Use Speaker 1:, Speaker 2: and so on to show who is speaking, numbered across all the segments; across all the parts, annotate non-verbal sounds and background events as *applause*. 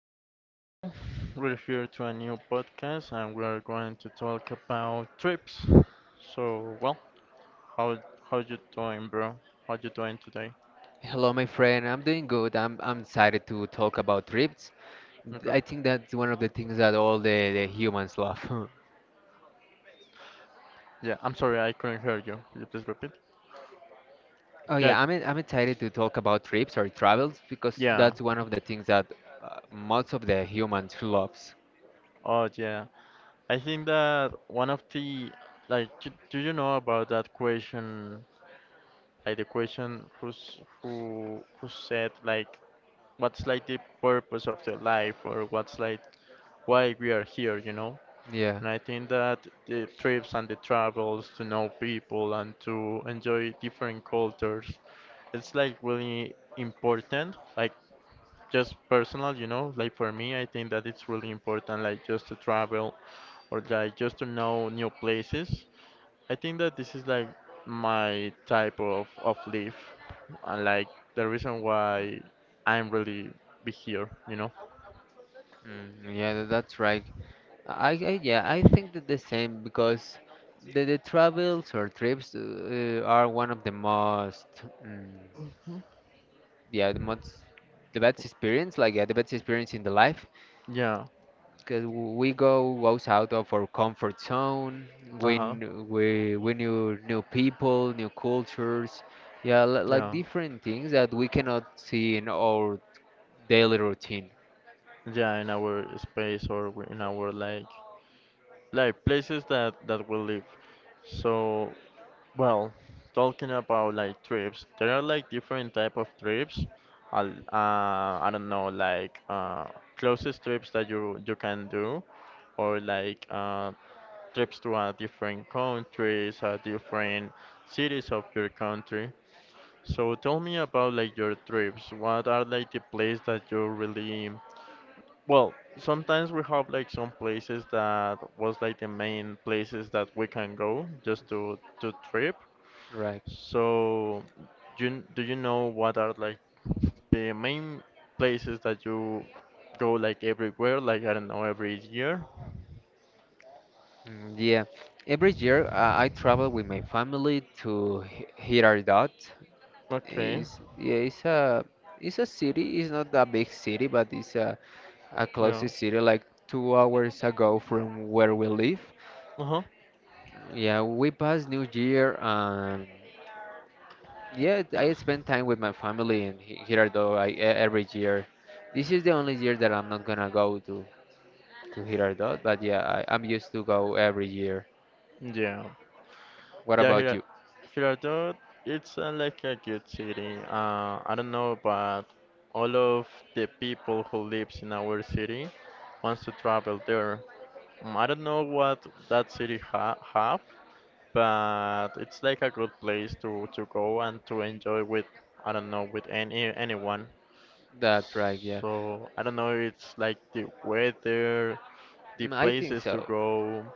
Speaker 1: Jay, we're here to a new podcast and we are going to talk about trips. So, well, how how you doing, bro? How you doing today?
Speaker 2: Hello, my friend. I'm doing good. I'm excited to talk about trips.
Speaker 1: Okay.
Speaker 2: I think that's one of the things that all the humans love. *laughs*
Speaker 1: Yeah, I'm sorry I couldn't hear you. Could you please repeat?
Speaker 2: Oh
Speaker 1: Yeah,
Speaker 2: yeah, I'm excited to talk about trips or travels because
Speaker 1: yeah.
Speaker 2: that's one of the things that most of the humans loves.
Speaker 1: Oh, yeah. I think that one of the do you know about that question, like the question who said, like, what's like the purpose of the life, or what's like why we are here, you know?
Speaker 2: Yeah.
Speaker 1: And I think that the trips and the travels to know people and to enjoy different cultures, it's like really important. Like just personal, you know, like for me, I think that it's really important, like just to travel or like just to know new places. I think that this is like my type of life, and like the reason why I'm really be here, you know.
Speaker 2: Mm, yeah, that's right. I yeah, I think that the same because the travels or trips are one of the most mm, yeah, the best experience, like yeah, the best experience in the life
Speaker 1: Yeah.
Speaker 2: because we go goes out of our comfort zone. We
Speaker 1: Uh-huh.
Speaker 2: kn- we knew new people, new cultures, yeah, like
Speaker 1: Yeah.
Speaker 2: different things that we cannot see in our daily routine,
Speaker 1: Yeah, in our space or in our like places that we live. So, well, Talking about like trips, there are like different type of trips. I don't know, like closest trips that you can do, or like trips to different countries, different cities of your country. So tell me about like your trips. What are like the place that you really, well, sometimes we have like some places that was like the main places that we can go just to trip.
Speaker 2: right?
Speaker 1: So, do you know what are like the main places that you go like everywhere? Like I don't know, every year.
Speaker 2: Yeah, every year I travel with my family to Hiradat.
Speaker 1: Okay.
Speaker 2: Is yeah, it's a city. It's not a big city, but it's a
Speaker 1: Yeah.
Speaker 2: closest city, like 2 hours ago from where we live.
Speaker 1: Uh-huh.
Speaker 2: Yeah, we passed New Year and yeah, I spend time with my family in Girardot every year. This is the only year that I'm not gonna go to Girardot, but yeah, I'm used to go every year.
Speaker 1: Yeah.
Speaker 2: What
Speaker 1: Yeah,
Speaker 2: about
Speaker 1: Hira
Speaker 2: you?
Speaker 1: Girardot, it's like a good city. I don't know, but all of the people who lives in our city wants to travel there. Mm, I don't know what that city ha have, but it's like a good place to go and to enjoy with, I don't know, with anyone.
Speaker 2: That's right, yeah.
Speaker 1: So I don't know, it's like the weather, the
Speaker 2: I think
Speaker 1: places to
Speaker 2: so.
Speaker 1: go,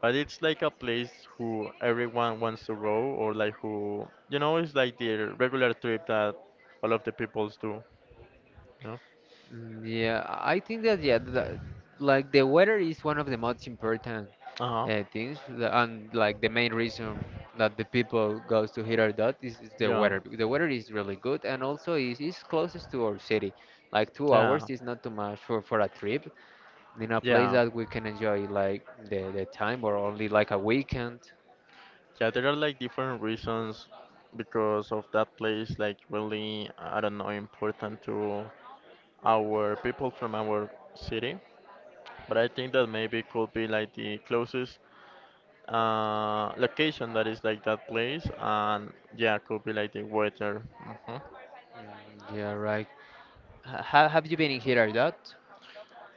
Speaker 1: but it's like a place who everyone wants to go, or like who, you know, it's like the regular trip that all of the peoples do, you know?
Speaker 2: Yeah, I think that yeah, like the weather is one of the most important
Speaker 1: Uh-huh.
Speaker 2: things, and like the main reason that the people goes to Hirardot is the
Speaker 1: Yeah.
Speaker 2: weather. Because The weather is really good, and also is closest to our city. Like two
Speaker 1: Yeah.
Speaker 2: hours is not too much for a trip in a place
Speaker 1: Yeah.
Speaker 2: that we can enjoy like the time or only like a weekend.
Speaker 1: Yeah, there are like different reasons because of that place, like really I don't know important to our people from our city. But I think that maybe could be like the closest location that is like that place, and yeah, could be like the weather. hmm
Speaker 2: Mm, yeah, right. Have you been in Hirardot?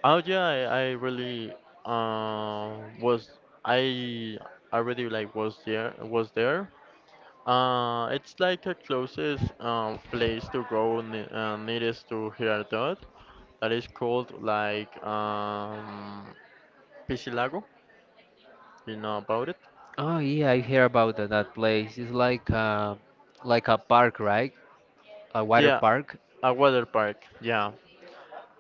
Speaker 1: Oh yeah, I really was I I really like was there. It's like a closest place to go ne nearest to Girardot that is called like Piscilago. You know about it?
Speaker 2: Oh yeah, I hear about that place. It's like a park, right? A water
Speaker 1: Yeah,
Speaker 2: park?
Speaker 1: a water park. Yeah,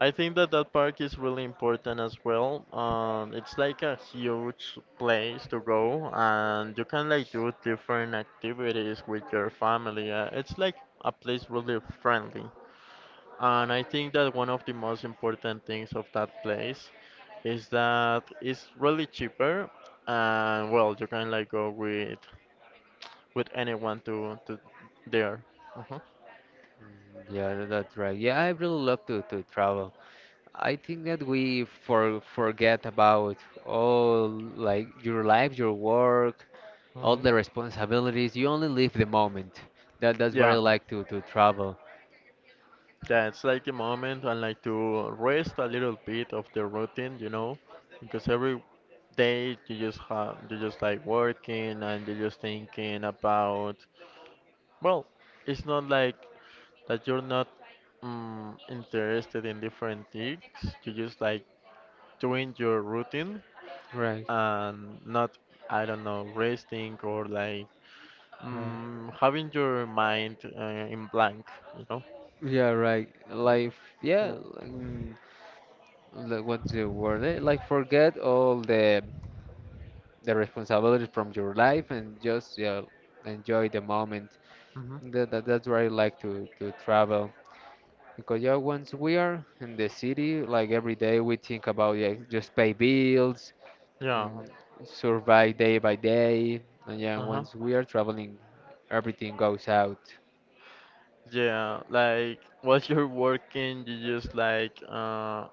Speaker 1: I think that that park is really important as well. It's like a huge place to go, and you can like do different activities with your family. It's like a place really friendly. And I think that one of the most important things of that place is that it's really cheaper, and well, you can like go with anyone to there. Uh huh.
Speaker 2: Yeah, that's right. Yeah, I really love to travel. I think that we forget about all like your life, your work, all
Speaker 1: Hmm.
Speaker 2: the responsibilities. You only live the moment. That's where I
Speaker 1: Yeah,
Speaker 2: like to travel.
Speaker 1: that's like the moment I like to rest a little bit of the routine, you know, because every day you just like working, and you're just thinking about, well, it's not like that you're not interested in different things. You just like doing your routine
Speaker 2: Right,
Speaker 1: and not, I don't know, resting or like
Speaker 2: right.
Speaker 1: having your mind in blank, you know?
Speaker 2: Yeah, right. Life. Yeah. mm, Like what's the word? Eh? Like forget all the responsibilities from your life and just yeah enjoy the moment.
Speaker 1: Mm-hmm.
Speaker 2: That's where I like to travel. Because yeah, once we are in the city, like every day we think about yeah, just pay bills,
Speaker 1: Yeah.
Speaker 2: mm, survive day by day, and yeah,
Speaker 1: Uh-huh.
Speaker 2: once we are traveling, everything goes out.
Speaker 1: Yeah, like while you're working, you just like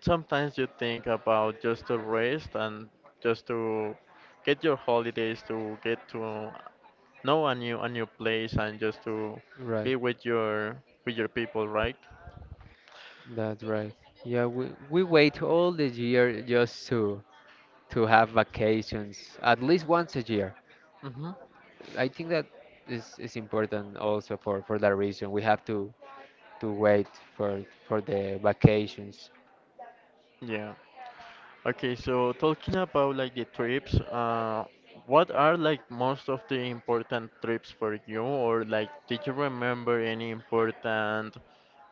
Speaker 1: sometimes you think about just to rest and just to get your holidays to get to, no, a new place and just to be
Speaker 2: Right,
Speaker 1: with your people, right?
Speaker 2: that's right. Yeah, we wait all the year just to have vacations, at least once a year.
Speaker 1: Mm-hmm.
Speaker 2: I think that is important also for that reason. We have to wait for for the vacations.
Speaker 1: Yeah. Okay, so talking about like the trips, what are like most of the important trips for you, or like did you remember any important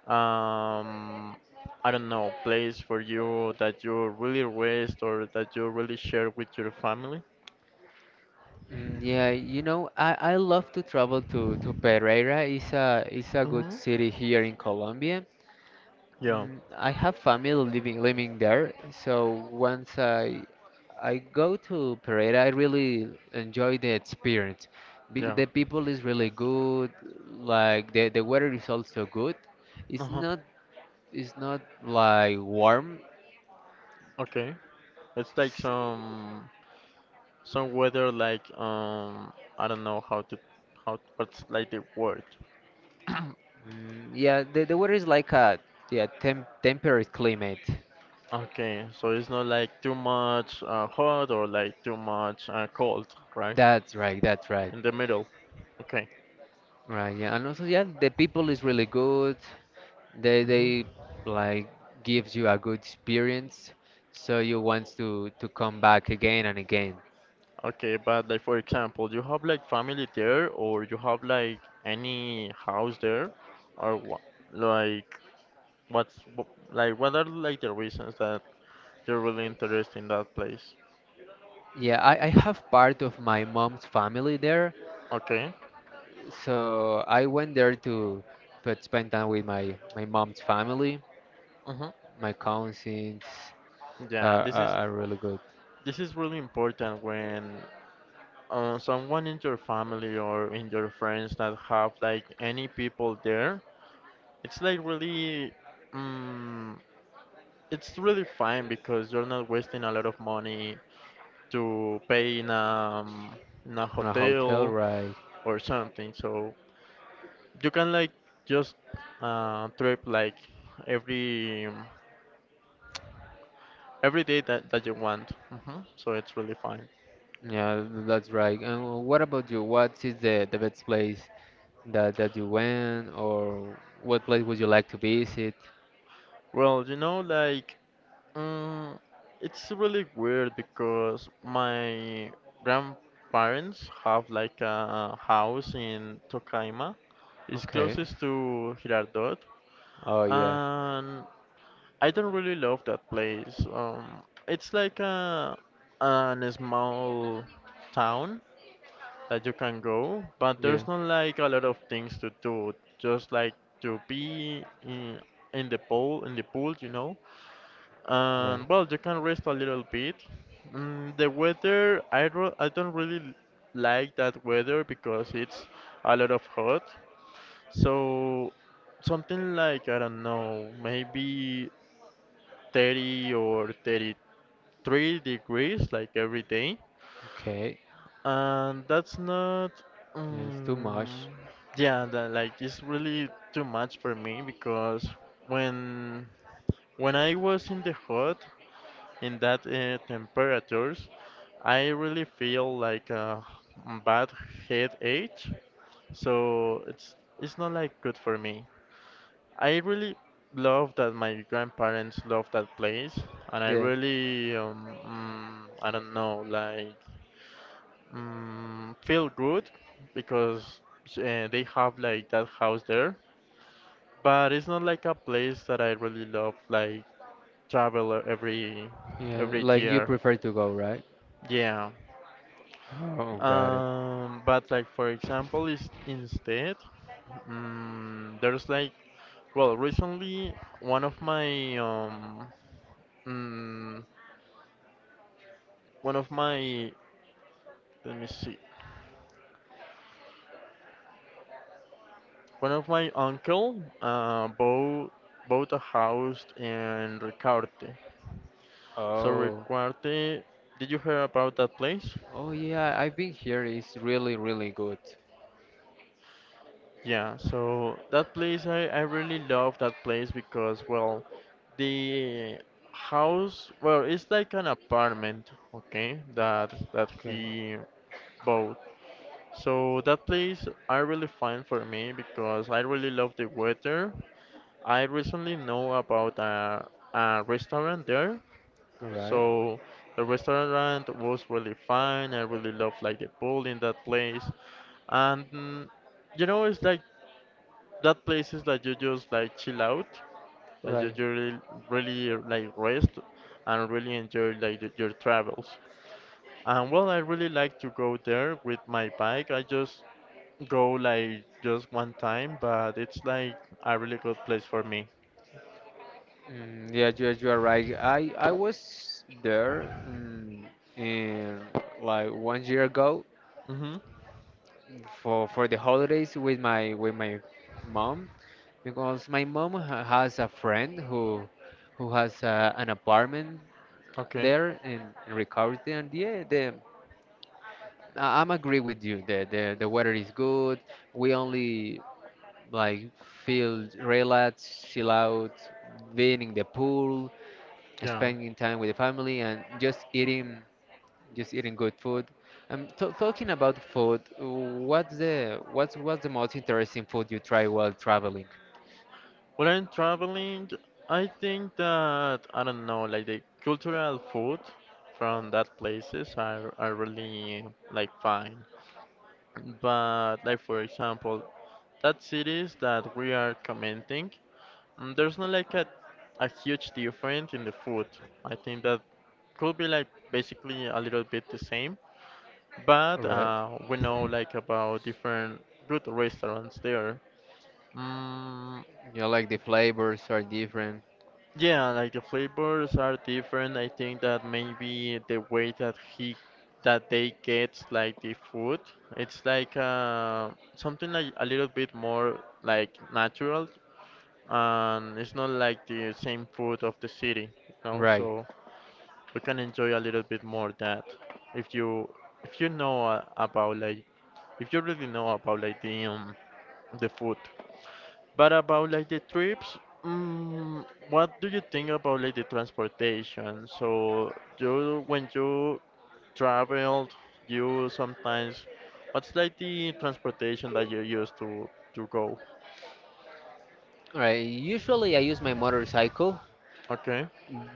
Speaker 1: um I don't know, place for you that you really rest or that you really share with your family?
Speaker 2: Yeah, I love to travel to Pereira. It's a good
Speaker 1: Mm-hmm.
Speaker 2: city here in Colombia.
Speaker 1: Yeah,
Speaker 2: I have family living there, so once I go to Pereira, I really enjoy the experience. Be
Speaker 1: yeah.
Speaker 2: the people is really good, like the weather is also good. It's
Speaker 1: Uh-huh.
Speaker 2: not it's not like warm.
Speaker 1: Okay. It's like
Speaker 2: It's-
Speaker 1: some. Some weather like I don't know how to how what's like the word.
Speaker 2: yeah, the weather is like a yeah, temperate climate.
Speaker 1: Okay, so it's not like too much hot or like too much cold, right?
Speaker 2: That's right, that's right.
Speaker 1: In the middle. Okay.
Speaker 2: Right, yeah, and also yeah, the people is really good. They
Speaker 1: Hmm.
Speaker 2: like gives you a good experience, so you want to come back again and again.
Speaker 1: Okay, but like for example, you have like family there, or you have like any house there, or what? Like like what are like the reasons that you're really interested in that place?
Speaker 2: Yeah, I have part of my mom's family there,
Speaker 1: Okay.
Speaker 2: so I went there to spend time with my mom's family.
Speaker 1: Mm-hmm.
Speaker 2: My cousins
Speaker 1: Yeah,
Speaker 2: are,
Speaker 1: this
Speaker 2: are,
Speaker 1: is
Speaker 2: are really good.
Speaker 1: This is really important when someone in your family or in your friends that have like any people there. It's like really, um, it's really fine because you're not wasting a lot of money to pay in a
Speaker 2: In a hotel,
Speaker 1: hotel
Speaker 2: right?
Speaker 1: or something. So you can like just trip like every every day that you want. So it's really fine.
Speaker 2: Yeah, that's right. And what about you? What is the best place that you went or what place would you like to visit?
Speaker 1: Well, you know, like mm, it's really weird because my grandparents have like a house in Tocaima. It's
Speaker 2: Okay.
Speaker 1: closest to Girardot,
Speaker 2: Oh yeah,
Speaker 1: and I don't really love that place. It's like a an small town that you can go, but
Speaker 2: yeah,
Speaker 1: there's not like a lot of things to do. Just like to be in the pool, in the pool, you know, and
Speaker 2: right.
Speaker 1: well, you can rest a little bit. Mm, the weather, I don't really like that weather because it's a lot of hot. So something like, I don't know, maybe 30 or 33 degrees like every day.
Speaker 2: Okay,
Speaker 1: And that's not,
Speaker 2: yeah, it's too much.
Speaker 1: um, yeah, that, like it's really too much for me because when when I was in the hot, in that temperatures, I really feel like a bad headache, so it's not like good for me. I really love that my grandparents love that place, and I
Speaker 2: Yeah,
Speaker 1: really I don't know like feel good because they have like that house there, but it's not like a place that I really love like travel
Speaker 2: yeah,
Speaker 1: every
Speaker 2: like you
Speaker 1: year.
Speaker 2: prefer to go, right?
Speaker 1: Yeah.
Speaker 2: Oh, got it.
Speaker 1: But like for example, is instead, there's like well, recently one of my mm, one of my let me see, one of my uncle bought a house in Recarte. So
Speaker 2: Oh,
Speaker 1: Recarte, did you hear about that place?
Speaker 2: oh yeah, I've been here. It's really, really good.
Speaker 1: Yeah, so that place, I really love that place because well the house, well it's like an apartment, okay, that
Speaker 2: Okay.
Speaker 1: he bought. So that place I really find for me because I really love the weather. I recently know about a restaurant there.
Speaker 2: Right.
Speaker 1: So the restaurant was really fine. I really love like the pool in that place. And you know, it's like that places that you just like chill out, that you
Speaker 2: Right.
Speaker 1: you really, really like rest and really enjoy like your travels. And well, I really like to go there with my bike. I just go like just one time, but it's like a really good place for me.
Speaker 2: Yeah, you are right. I was there in like one year ago,
Speaker 1: Mm-hmm.
Speaker 2: for the holidays with my mom because my mom has a friend who has an apartment
Speaker 1: Okay.
Speaker 2: there in Ricaurte, and yeah the I'm agree with you, the weather is good. We only like feel relaxed, chill out, being in the pool,
Speaker 1: Yeah.
Speaker 2: spending time with the family, and just eating good food. I'm talking about food. What's the most interesting food you try while traveling?
Speaker 1: When I'm traveling, I think that I don't know, like the cultural food from that places are really like fine. But like for example that cities that we are commenting, there's not like a huge difference in the food. I think that could be like basically a little bit the same, but
Speaker 2: All right.
Speaker 1: we know like about different good restaurants there. mm,
Speaker 2: Yeah, like the flavors are different.
Speaker 1: Yeah, like the flavors are different. I think that maybe the way that they get like the food, it's like something like a little bit more like natural, and it's not like the same food of the city, you know.
Speaker 2: Right.
Speaker 1: So we can enjoy a little bit more that if you, if you know about like if you really know about like the food. But about like the trips, mm, what do you think about like the transportation? So you, when you traveled, you sometimes, what's like the transportation that you use to go?
Speaker 2: Right. Usually I use my motorcycle,
Speaker 1: Okay,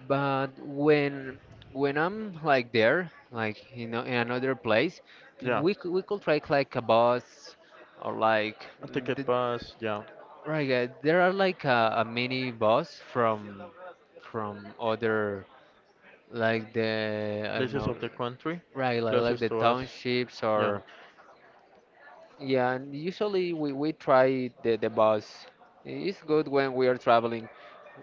Speaker 2: but when I'm like there, like you know, in another place,
Speaker 1: yeah,
Speaker 2: we could try like a bus or like
Speaker 1: a
Speaker 2: the,
Speaker 1: ticket bus, yeah,
Speaker 2: right. There are like a mini bus from other like the I don't
Speaker 1: places
Speaker 2: know,
Speaker 1: of the country
Speaker 2: right? Like
Speaker 1: closest
Speaker 2: the
Speaker 1: to us,
Speaker 2: townships
Speaker 1: yeah,
Speaker 2: or yeah. And usually we try the bus. It's good when we are traveling.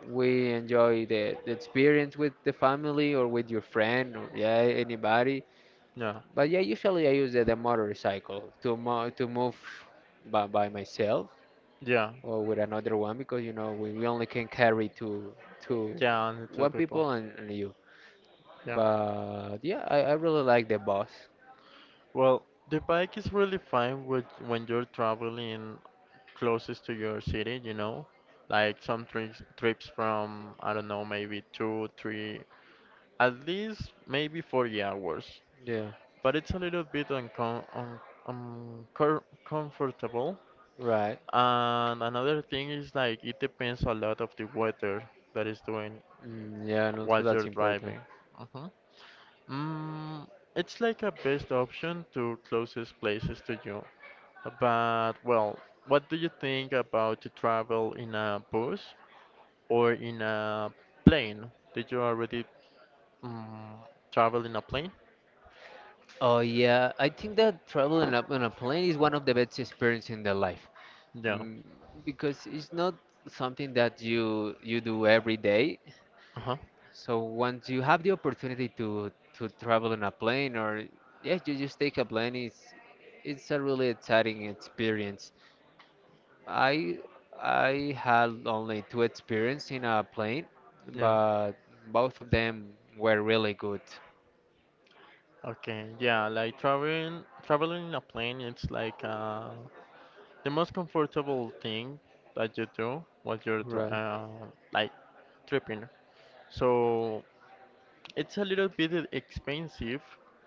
Speaker 2: We enjoy the experience with the family or with your friend or yeah anybody.
Speaker 1: yeah,
Speaker 2: But yeah, usually I use the motorcycle to move by myself
Speaker 1: yeah,
Speaker 2: or with another one because you know we only can carry two
Speaker 1: yeah, and the two
Speaker 2: one
Speaker 1: people,
Speaker 2: people and you.
Speaker 1: yeah.
Speaker 2: But yeah, I really like the bus.
Speaker 1: Well, the bike is really fine with when you're traveling closest to your city, you know? Like some trips from I don't know, maybe two, three, at least maybe 40 hours.
Speaker 2: Yeah,
Speaker 1: But it's a little bit uncomfortable.
Speaker 2: right.
Speaker 1: And another thing is like it depends a lot of the weather that is doing
Speaker 2: Yeah, and
Speaker 1: while
Speaker 2: also that's
Speaker 1: you're
Speaker 2: important.
Speaker 1: driving. Mhm. Mm, it's like a best option to closest places to you. But well, what do you think about to travel in a bus or in a plane. Did you already um, travel in a plane?
Speaker 2: Oh yeah, I think that traveling up on a plane is one of the best experiences in the life,
Speaker 1: Yeah.
Speaker 2: mm, because it's not something that you do every day.
Speaker 1: Uh-huh.
Speaker 2: So once you have the opportunity to travel on a plane, or yeah, you just take a plane, it's a really exciting experience. I I had only two experiences in a plane,
Speaker 1: Yeah.
Speaker 2: but both of them were really good.
Speaker 1: Okay. Yeah, like traveling in a plane, it's like the most comfortable thing that you do while you're tra
Speaker 2: Right.
Speaker 1: like tripping. So it's a little bit expensive,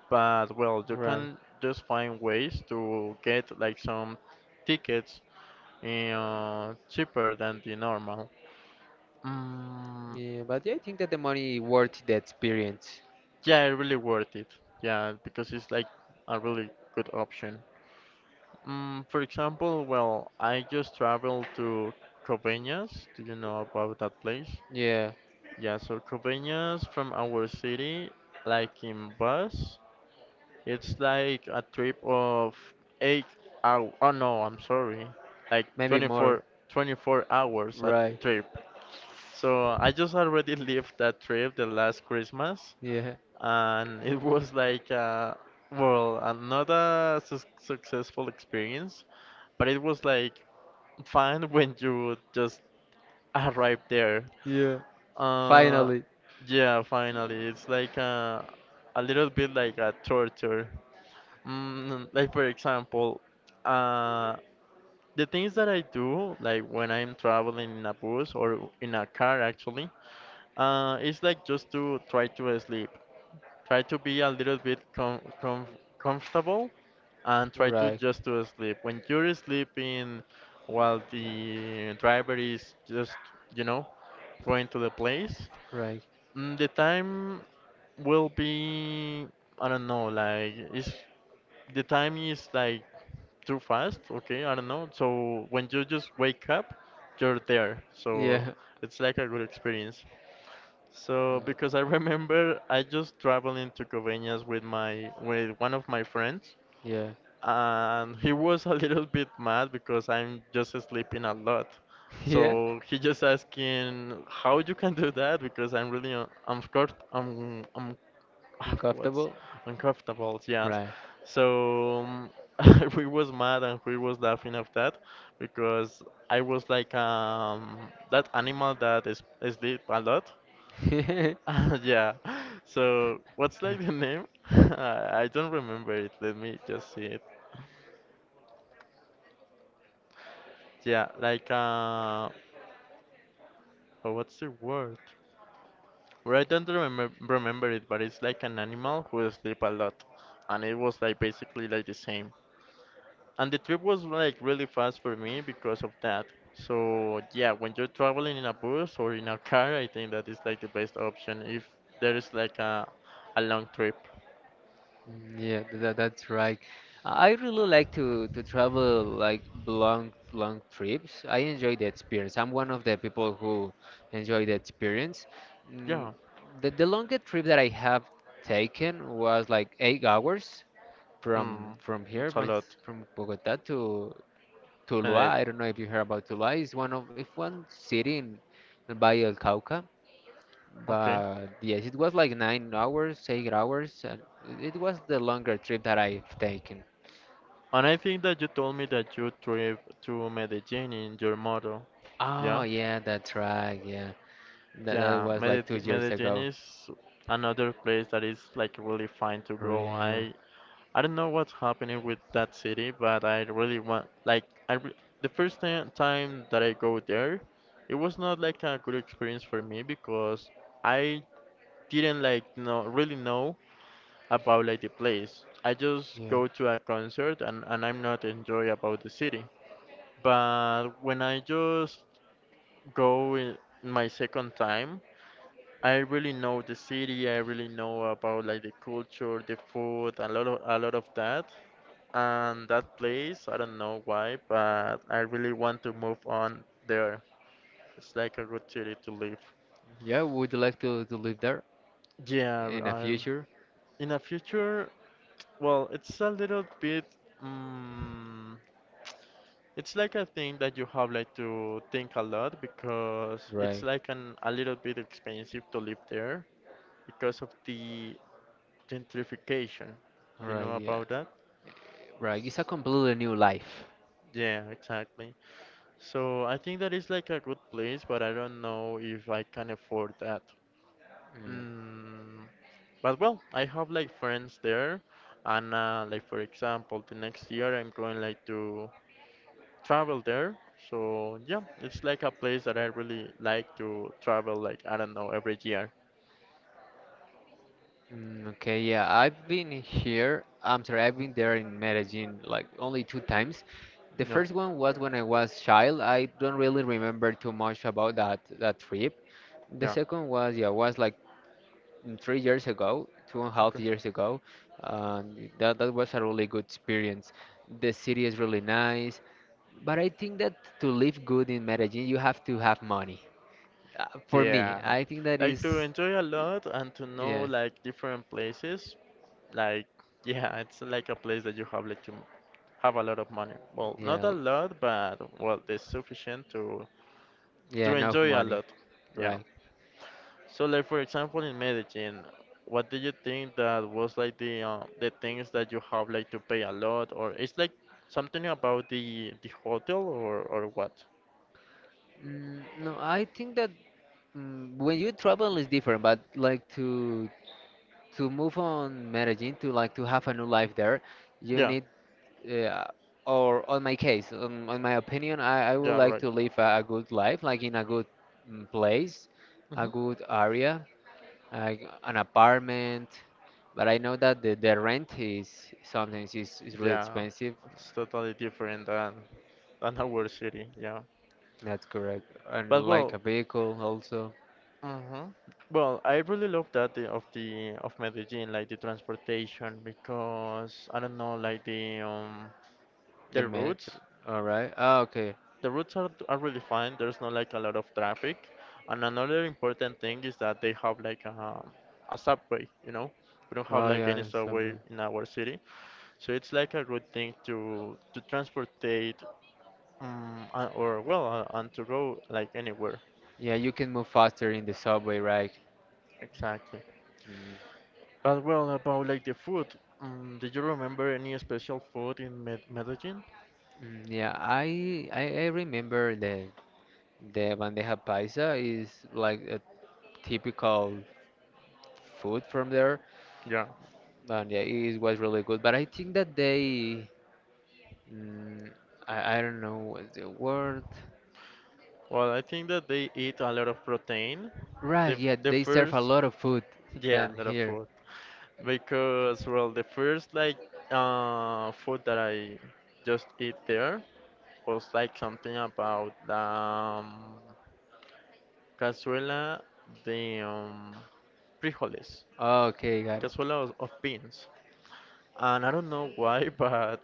Speaker 1: but well, you
Speaker 2: Right.
Speaker 1: can just find ways to get like some tickets cheaper than the normal. Mm,
Speaker 2: Yeah, but yeah, I think that the money worth the experience.
Speaker 1: Yeah, really worth it. Yeah, because it's like a really good option. For example, well, I just traveled to Coveñas. Do you know about that place?
Speaker 2: Yeah,
Speaker 1: Yeah, so Coveñas from our city, like in bus, it's like a trip of 8 hours. Oh no, I'm sorry, like
Speaker 2: maybe more.
Speaker 1: 24, 24 hours a
Speaker 2: Right.
Speaker 1: trip. So I just already *laughs* lived that trip the last Christmas.
Speaker 2: Yeah.
Speaker 1: And it was like well, not a su successful experience, but it was like fine when you just arrive there.
Speaker 2: Yeah.
Speaker 1: uh
Speaker 2: Finally.
Speaker 1: yeah finally it's like a little bit like a torture. Like for example, uh the things that I do like when I'm traveling in a bus or in a car actually, it's like just to try to sleep, try to be a little bit comfortable and try to
Speaker 2: Right.
Speaker 1: just to sleep. When you're sleeping while the driver is just, you know, going to the place,
Speaker 2: Right.
Speaker 1: the time will be, I don't know, like, it's, the time is like too fast, okay, I don't know. So when you just wake up, you're there. So
Speaker 2: Yeah.
Speaker 1: it's like a good experience. So
Speaker 2: Mm.
Speaker 1: because I *laughs* remember I just traveling to Convenias with my with one of my friends,
Speaker 2: Yeah.
Speaker 1: and he was a little bit mad because I'm just sleeping a lot.
Speaker 2: *laughs* Yeah.
Speaker 1: So he just asking how you can do that because I'm really I'm scared, I'm *sighs* *laughs* what's
Speaker 2: Uncomfortable.
Speaker 1: uncomfortable, yes.
Speaker 2: Right.
Speaker 1: So *laughs* we was mad and we was laughing of that because I was like that animal that is sleep a lot.
Speaker 2: *laughs*
Speaker 1: *laughs* Yeah. So what's like the name? *laughs* I don't remember it. Let me just see it. Yeah, like oh, what's the word? Well, I don't remember it, but it's like an animal who sleep a lot, and it was like basically like the same. And the trip was like really fast for me because of that. So yeah, when you're traveling in a bus or in a car, I think that is like the best option if there is like a long trip.
Speaker 2: Mm, yeah, that's right. I really like to travel like long long trips. I enjoy the experience. I'm one of the people who enjoy the experience. Mm,
Speaker 1: Yeah,
Speaker 2: the longest trip that I have taken was like 8 hours from
Speaker 1: hmm,
Speaker 2: from here,
Speaker 1: it's a lot.
Speaker 2: from Bogota to Tuluá.
Speaker 1: And
Speaker 2: I don't know if you heard about Tuluá. It's one of if one city by El Cauca.
Speaker 1: okay.
Speaker 2: But yes, it was like 9 hours, 8 hours, and it was the longer trip that I've taken.
Speaker 1: And I think that you told me that you trip to Medellin in your motto. Yeah?
Speaker 2: Oh yeah, that's right. Yeah, that
Speaker 1: Yeah,
Speaker 2: was like two
Speaker 1: Medellin,
Speaker 2: years
Speaker 1: Medellin
Speaker 2: ago.
Speaker 1: is another place that is like really fine to go.
Speaker 2: Yeah,
Speaker 1: I don't know what's happening with that city, but I really want like I re the first time that I go there, it was not like a good experience for me because I didn't like know really know about like the place. I just
Speaker 2: yeah,
Speaker 1: go to a concert and I'm not enjoy about the city. But when I just go in my second time, I really know the city, I really know about like the culture, the food, a lot of that. And that place, I don't know why, but I really want to move on there. It's like a good city to live.
Speaker 2: yeah. Would you like to live there
Speaker 1: Yeah,
Speaker 2: in the future?
Speaker 1: in the future, well, it's a little bit. mm It's like a thing that you have like to think a lot because it's
Speaker 2: Right,
Speaker 1: like an a little bit expensive to live there because of the gentrification. You know
Speaker 2: right. Yeah,
Speaker 1: about that?
Speaker 2: right. It's a completely new life.
Speaker 1: Yeah, exactly. So I think that is like a good place, but I don't know if I can afford that.
Speaker 2: Mm.
Speaker 1: Mm, but well, I have like friends there, and like for example, the next year I'm going like to travel there. So yeah, it's like a place that I really like to travel. Like I don't know, every year.
Speaker 2: Mm, okay, yeah, I've been here. I'm sorry, I've been there in Medellin like only two times. The
Speaker 1: Yeah,
Speaker 2: first one was when I was child. I don't really remember too much about that trip. The
Speaker 1: yeah,
Speaker 2: second was yeah, was like 3 years ago, two and a half
Speaker 1: okay,
Speaker 2: years ago. And that was a really good experience. The city is really nice, but I think that to live good in Medellin, you have to have money. For me,
Speaker 1: yeah.
Speaker 2: I think that
Speaker 1: Like to
Speaker 2: is,
Speaker 1: enjoy a lot and to know
Speaker 2: yeah,
Speaker 1: like different places. Like *laughs* yeah, it's like a place that you have like to have a lot of money. Well, not a
Speaker 2: yeah,
Speaker 1: lot, but well, it's sufficient to
Speaker 2: yeah, enough
Speaker 1: enjoy a
Speaker 2: money.
Speaker 1: lot. Yeah.
Speaker 2: Right.
Speaker 1: So, like for example, in Medellin, what do you think that was like the things that you have like to pay a lot, or it's like something about the hotel or what?
Speaker 2: Mm, no, I think that when you travel is different, but like to move on Medellin to like to have a new life there, you
Speaker 1: Yeah,
Speaker 2: need uh, or on my case, on my opinion, I would
Speaker 1: yeah,
Speaker 2: like
Speaker 1: right.
Speaker 2: to live a good life, like in a good place, a
Speaker 1: Hmm.
Speaker 2: good area, like an apartment. But I know that the rent is sometimes is really
Speaker 1: Yeah,
Speaker 2: expensive.
Speaker 1: it's totally different than our city. Yeah,
Speaker 2: That's correct. And
Speaker 1: but
Speaker 2: like
Speaker 1: well,
Speaker 2: a vehicle also,
Speaker 1: hmm, well, I really love that the of Medellin, like the transportation, because I don't know, like
Speaker 2: the
Speaker 1: the routes.
Speaker 2: metro. All right. Ah, okay.
Speaker 1: The routes are really fine. There's not like a lot of traffic. And another important thing is that they have like a subway, you know. We don't have
Speaker 2: Oh
Speaker 1: like
Speaker 2: yeah,
Speaker 1: any
Speaker 2: the subway.
Speaker 1: subway in our city, so it's like a good thing to transportate or well, and to go like anywhere.
Speaker 2: Yeah, you can move faster in the subway, right?
Speaker 1: Exactly.
Speaker 2: Mm.
Speaker 1: But well, about like the food, did you remember any special food in Medellin?
Speaker 2: Mm, yeah, I remember that the bandeja paisa is like a typical food from there,
Speaker 1: Yeah.
Speaker 2: and yeah, it was really good. But I think that they, mm, I don't know what's the word.
Speaker 1: Well, I think that they eat a lot of protein.
Speaker 2: Right,
Speaker 1: The
Speaker 2: yeah, they serve a
Speaker 1: first,
Speaker 2: lot of food
Speaker 1: yeah, a
Speaker 2: than
Speaker 1: lot of
Speaker 2: here.
Speaker 1: food. Because well, the first like food that I just eat there was like something about cazuela de frijoles,
Speaker 2: Okay, got it.
Speaker 1: cazuela of beans. And I don't know why *laughs* but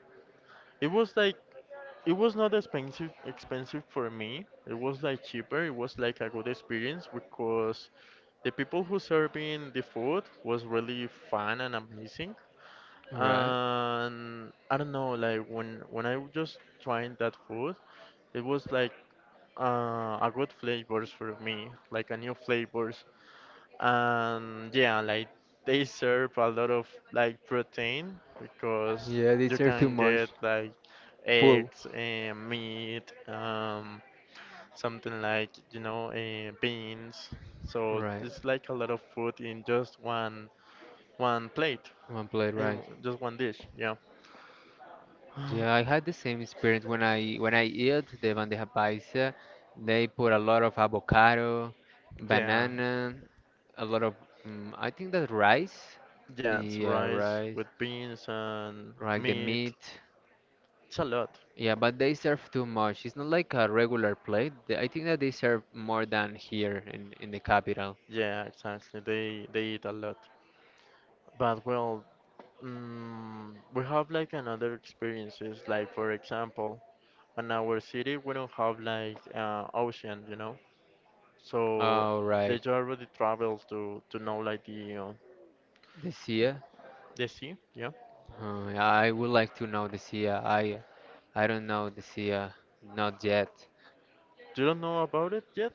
Speaker 1: it was like it was not expensive for me, it was like cheaper. It was like a good experience because the people who serving the food was really fun and amazing.
Speaker 2: Right.
Speaker 1: And I don't know, like when I was just trying that food, it was like a good flavors for me, like a new flavors, and yeah, like they serve a lot of like protein because
Speaker 2: Yeah, they
Speaker 1: you
Speaker 2: serve too
Speaker 1: can
Speaker 2: much.
Speaker 1: get like
Speaker 2: Full.
Speaker 1: eggs and meat, something like, you know, beans. So
Speaker 2: Right.
Speaker 1: it's like a lot of food in just one one plate
Speaker 2: One plate,
Speaker 1: in
Speaker 2: right.
Speaker 1: just one dish. Yeah.
Speaker 2: Yeah,
Speaker 1: *sighs*
Speaker 2: I had the same experience when I eat the bandeja paisa. They put a lot of avocado,
Speaker 1: *gasps* Yeah.
Speaker 2: banana, a lot of I think that rice.
Speaker 1: Yeah, it's
Speaker 2: Yeah,
Speaker 1: rice
Speaker 2: rice,
Speaker 1: with beans and
Speaker 2: like the
Speaker 1: meat.
Speaker 2: meat.
Speaker 1: It's a lot.
Speaker 2: Yeah, but they serve too much. It's not like a regular plate. I think that they serve more than here in the capital.
Speaker 1: Yeah, exactly. They eat a lot. But well, we have like another experiences. Like for example, in our city we don't have like ocean, you know. So
Speaker 2: All
Speaker 1: they
Speaker 2: right,
Speaker 1: already travel to know like
Speaker 2: the
Speaker 1: the
Speaker 2: Sia.
Speaker 1: the sea. Yeah.
Speaker 2: I would like to know the Sia. I don't know the Sia, not yet.
Speaker 1: You don't know about it yet?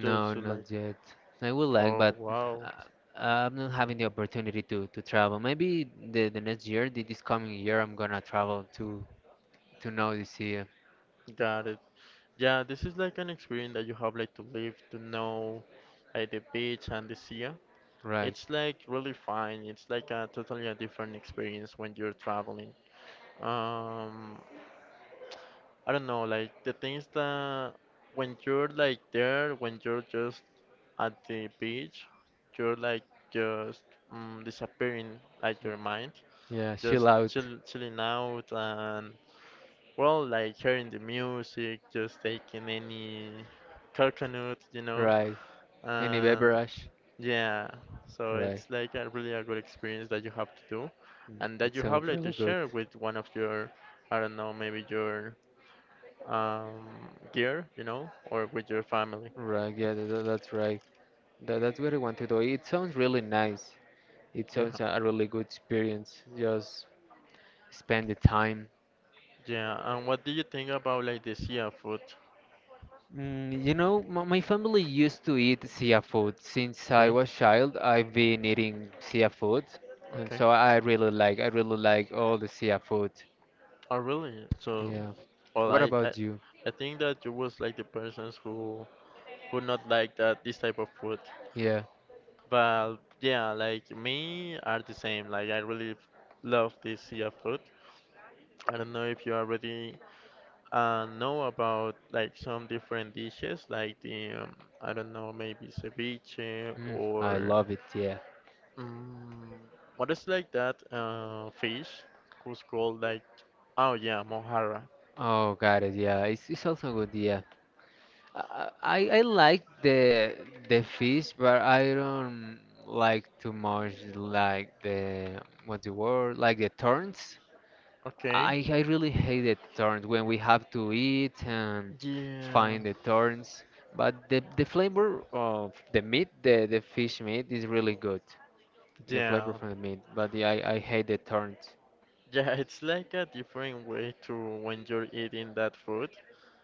Speaker 1: Just to, like,
Speaker 2: not yet. I would like,
Speaker 1: oh
Speaker 2: but
Speaker 1: wow,
Speaker 2: uh, I'm not having the opportunity to travel. Maybe the next year, this coming year, I'm gonna travel to know this year.
Speaker 1: got it. Yeah, this is like an experience that you have like to live to know like the beach and the sea.
Speaker 2: Right.
Speaker 1: It's like really fine. It's like a totally a different experience when you're traveling. Um, I don't know, like the things that when you're like there, when you're just at the beach, you're like just disappearing like your mind,
Speaker 2: Yeah, chill
Speaker 1: just
Speaker 2: out.
Speaker 1: chill, chilling out, and well, like hearing the music, just taking any coconut, you know,
Speaker 2: Right. Any
Speaker 1: and
Speaker 2: beverage.
Speaker 1: yeah, so
Speaker 2: Right.
Speaker 1: it's like a really a good experience that you have to do, and that
Speaker 2: It
Speaker 1: you have
Speaker 2: sounds
Speaker 1: like to
Speaker 2: really good.
Speaker 1: share with one of your, I don't know, maybe your gear, you know, or with your family.
Speaker 2: Right. Yeah, that's right. That's what I want to do. It sounds really nice. It
Speaker 1: Yeah,
Speaker 2: sounds a really good experience. Just spend the time.
Speaker 1: yeah. And what do you think about like the sea food?
Speaker 2: My family used to eat seafood. Since I
Speaker 1: Okay,
Speaker 2: was child, I've been eating seafood, and
Speaker 1: okay.
Speaker 2: so I really like all the seafood.
Speaker 1: Oh, really? So,
Speaker 2: Yeah.
Speaker 1: well,
Speaker 2: What about you?
Speaker 1: I think that you was like the persons who not like that this type of food.
Speaker 2: Yeah.
Speaker 1: But yeah, like me are the same. Like I really love this sea of food. I don't know if you already know about like some different dishes, like the I don't know, maybe ceviche
Speaker 2: Mm, I
Speaker 1: or
Speaker 2: love it. Yeah.
Speaker 1: um, what is like that fish who's called like oh yeah mojarra.
Speaker 2: Oh, got it. Yeah, it's also good. Yeah. I I like the fish, but I don't like too much like the what's the word? Like the turns.
Speaker 1: Okay.
Speaker 2: I really hate the turns when we have to eat and
Speaker 1: Yeah.
Speaker 2: find the turns. But the flavor of the meat, the fish meat, is really good. The flavor
Speaker 1: Yeah. *laughs*
Speaker 2: from the meat. But yeah, I hate the turns.
Speaker 1: Yeah, it's like a different way to when you're eating that food.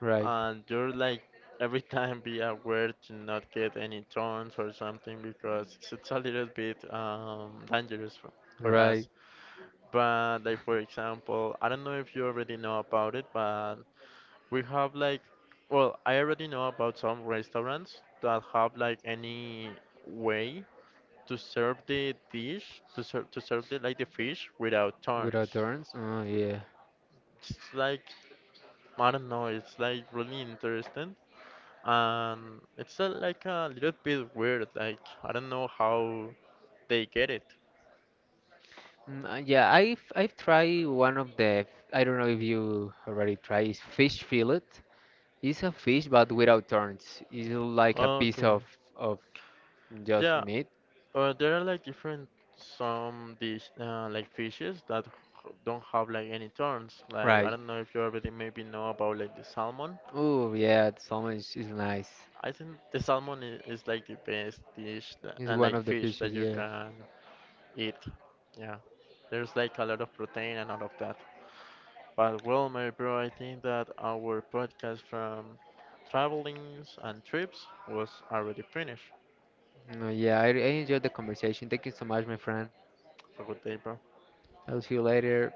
Speaker 2: Right,
Speaker 1: And you're like every time be aware to not get any thorns or something because it's a little bit dangerous for
Speaker 2: right.
Speaker 1: us. But like for example, I don't know if you already know about it, but we have like, well, I already know about some restaurants that have like any way to serve the dish, to serve the like the fish without
Speaker 2: Without
Speaker 1: thorns.
Speaker 2: turns? Oh, yeah.
Speaker 1: It's like I don't know, it's like really interesting, and it's like a little bit weird. Like I don't know how they get it.
Speaker 2: Yeah, I've tried one of the, I don't know if you already tried, is fish fillet. It's a fish, but without turns. It's like a piece
Speaker 1: Okay.
Speaker 2: of just
Speaker 1: Yeah,
Speaker 2: meat,
Speaker 1: there are like different some dish like fishes that don't have like any turns. Like I
Speaker 2: right?
Speaker 1: don't know if you already maybe know about like the salmon.
Speaker 2: Oh yeah, salmon is nice.
Speaker 1: I think the salmon is like the best dish that,
Speaker 2: It's
Speaker 1: and
Speaker 2: one
Speaker 1: like
Speaker 2: of the
Speaker 1: fish
Speaker 2: fishes,
Speaker 1: that you
Speaker 2: yeah.
Speaker 1: can eat. Yeah, there's like a lot of protein and all of that. But well, my bro, I think that our podcast from travelings and trips was already finished.
Speaker 2: No, yeah, I enjoyed the conversation. Thank you so much, my friend.
Speaker 1: Have a good day, bro.
Speaker 2: I'll see you later.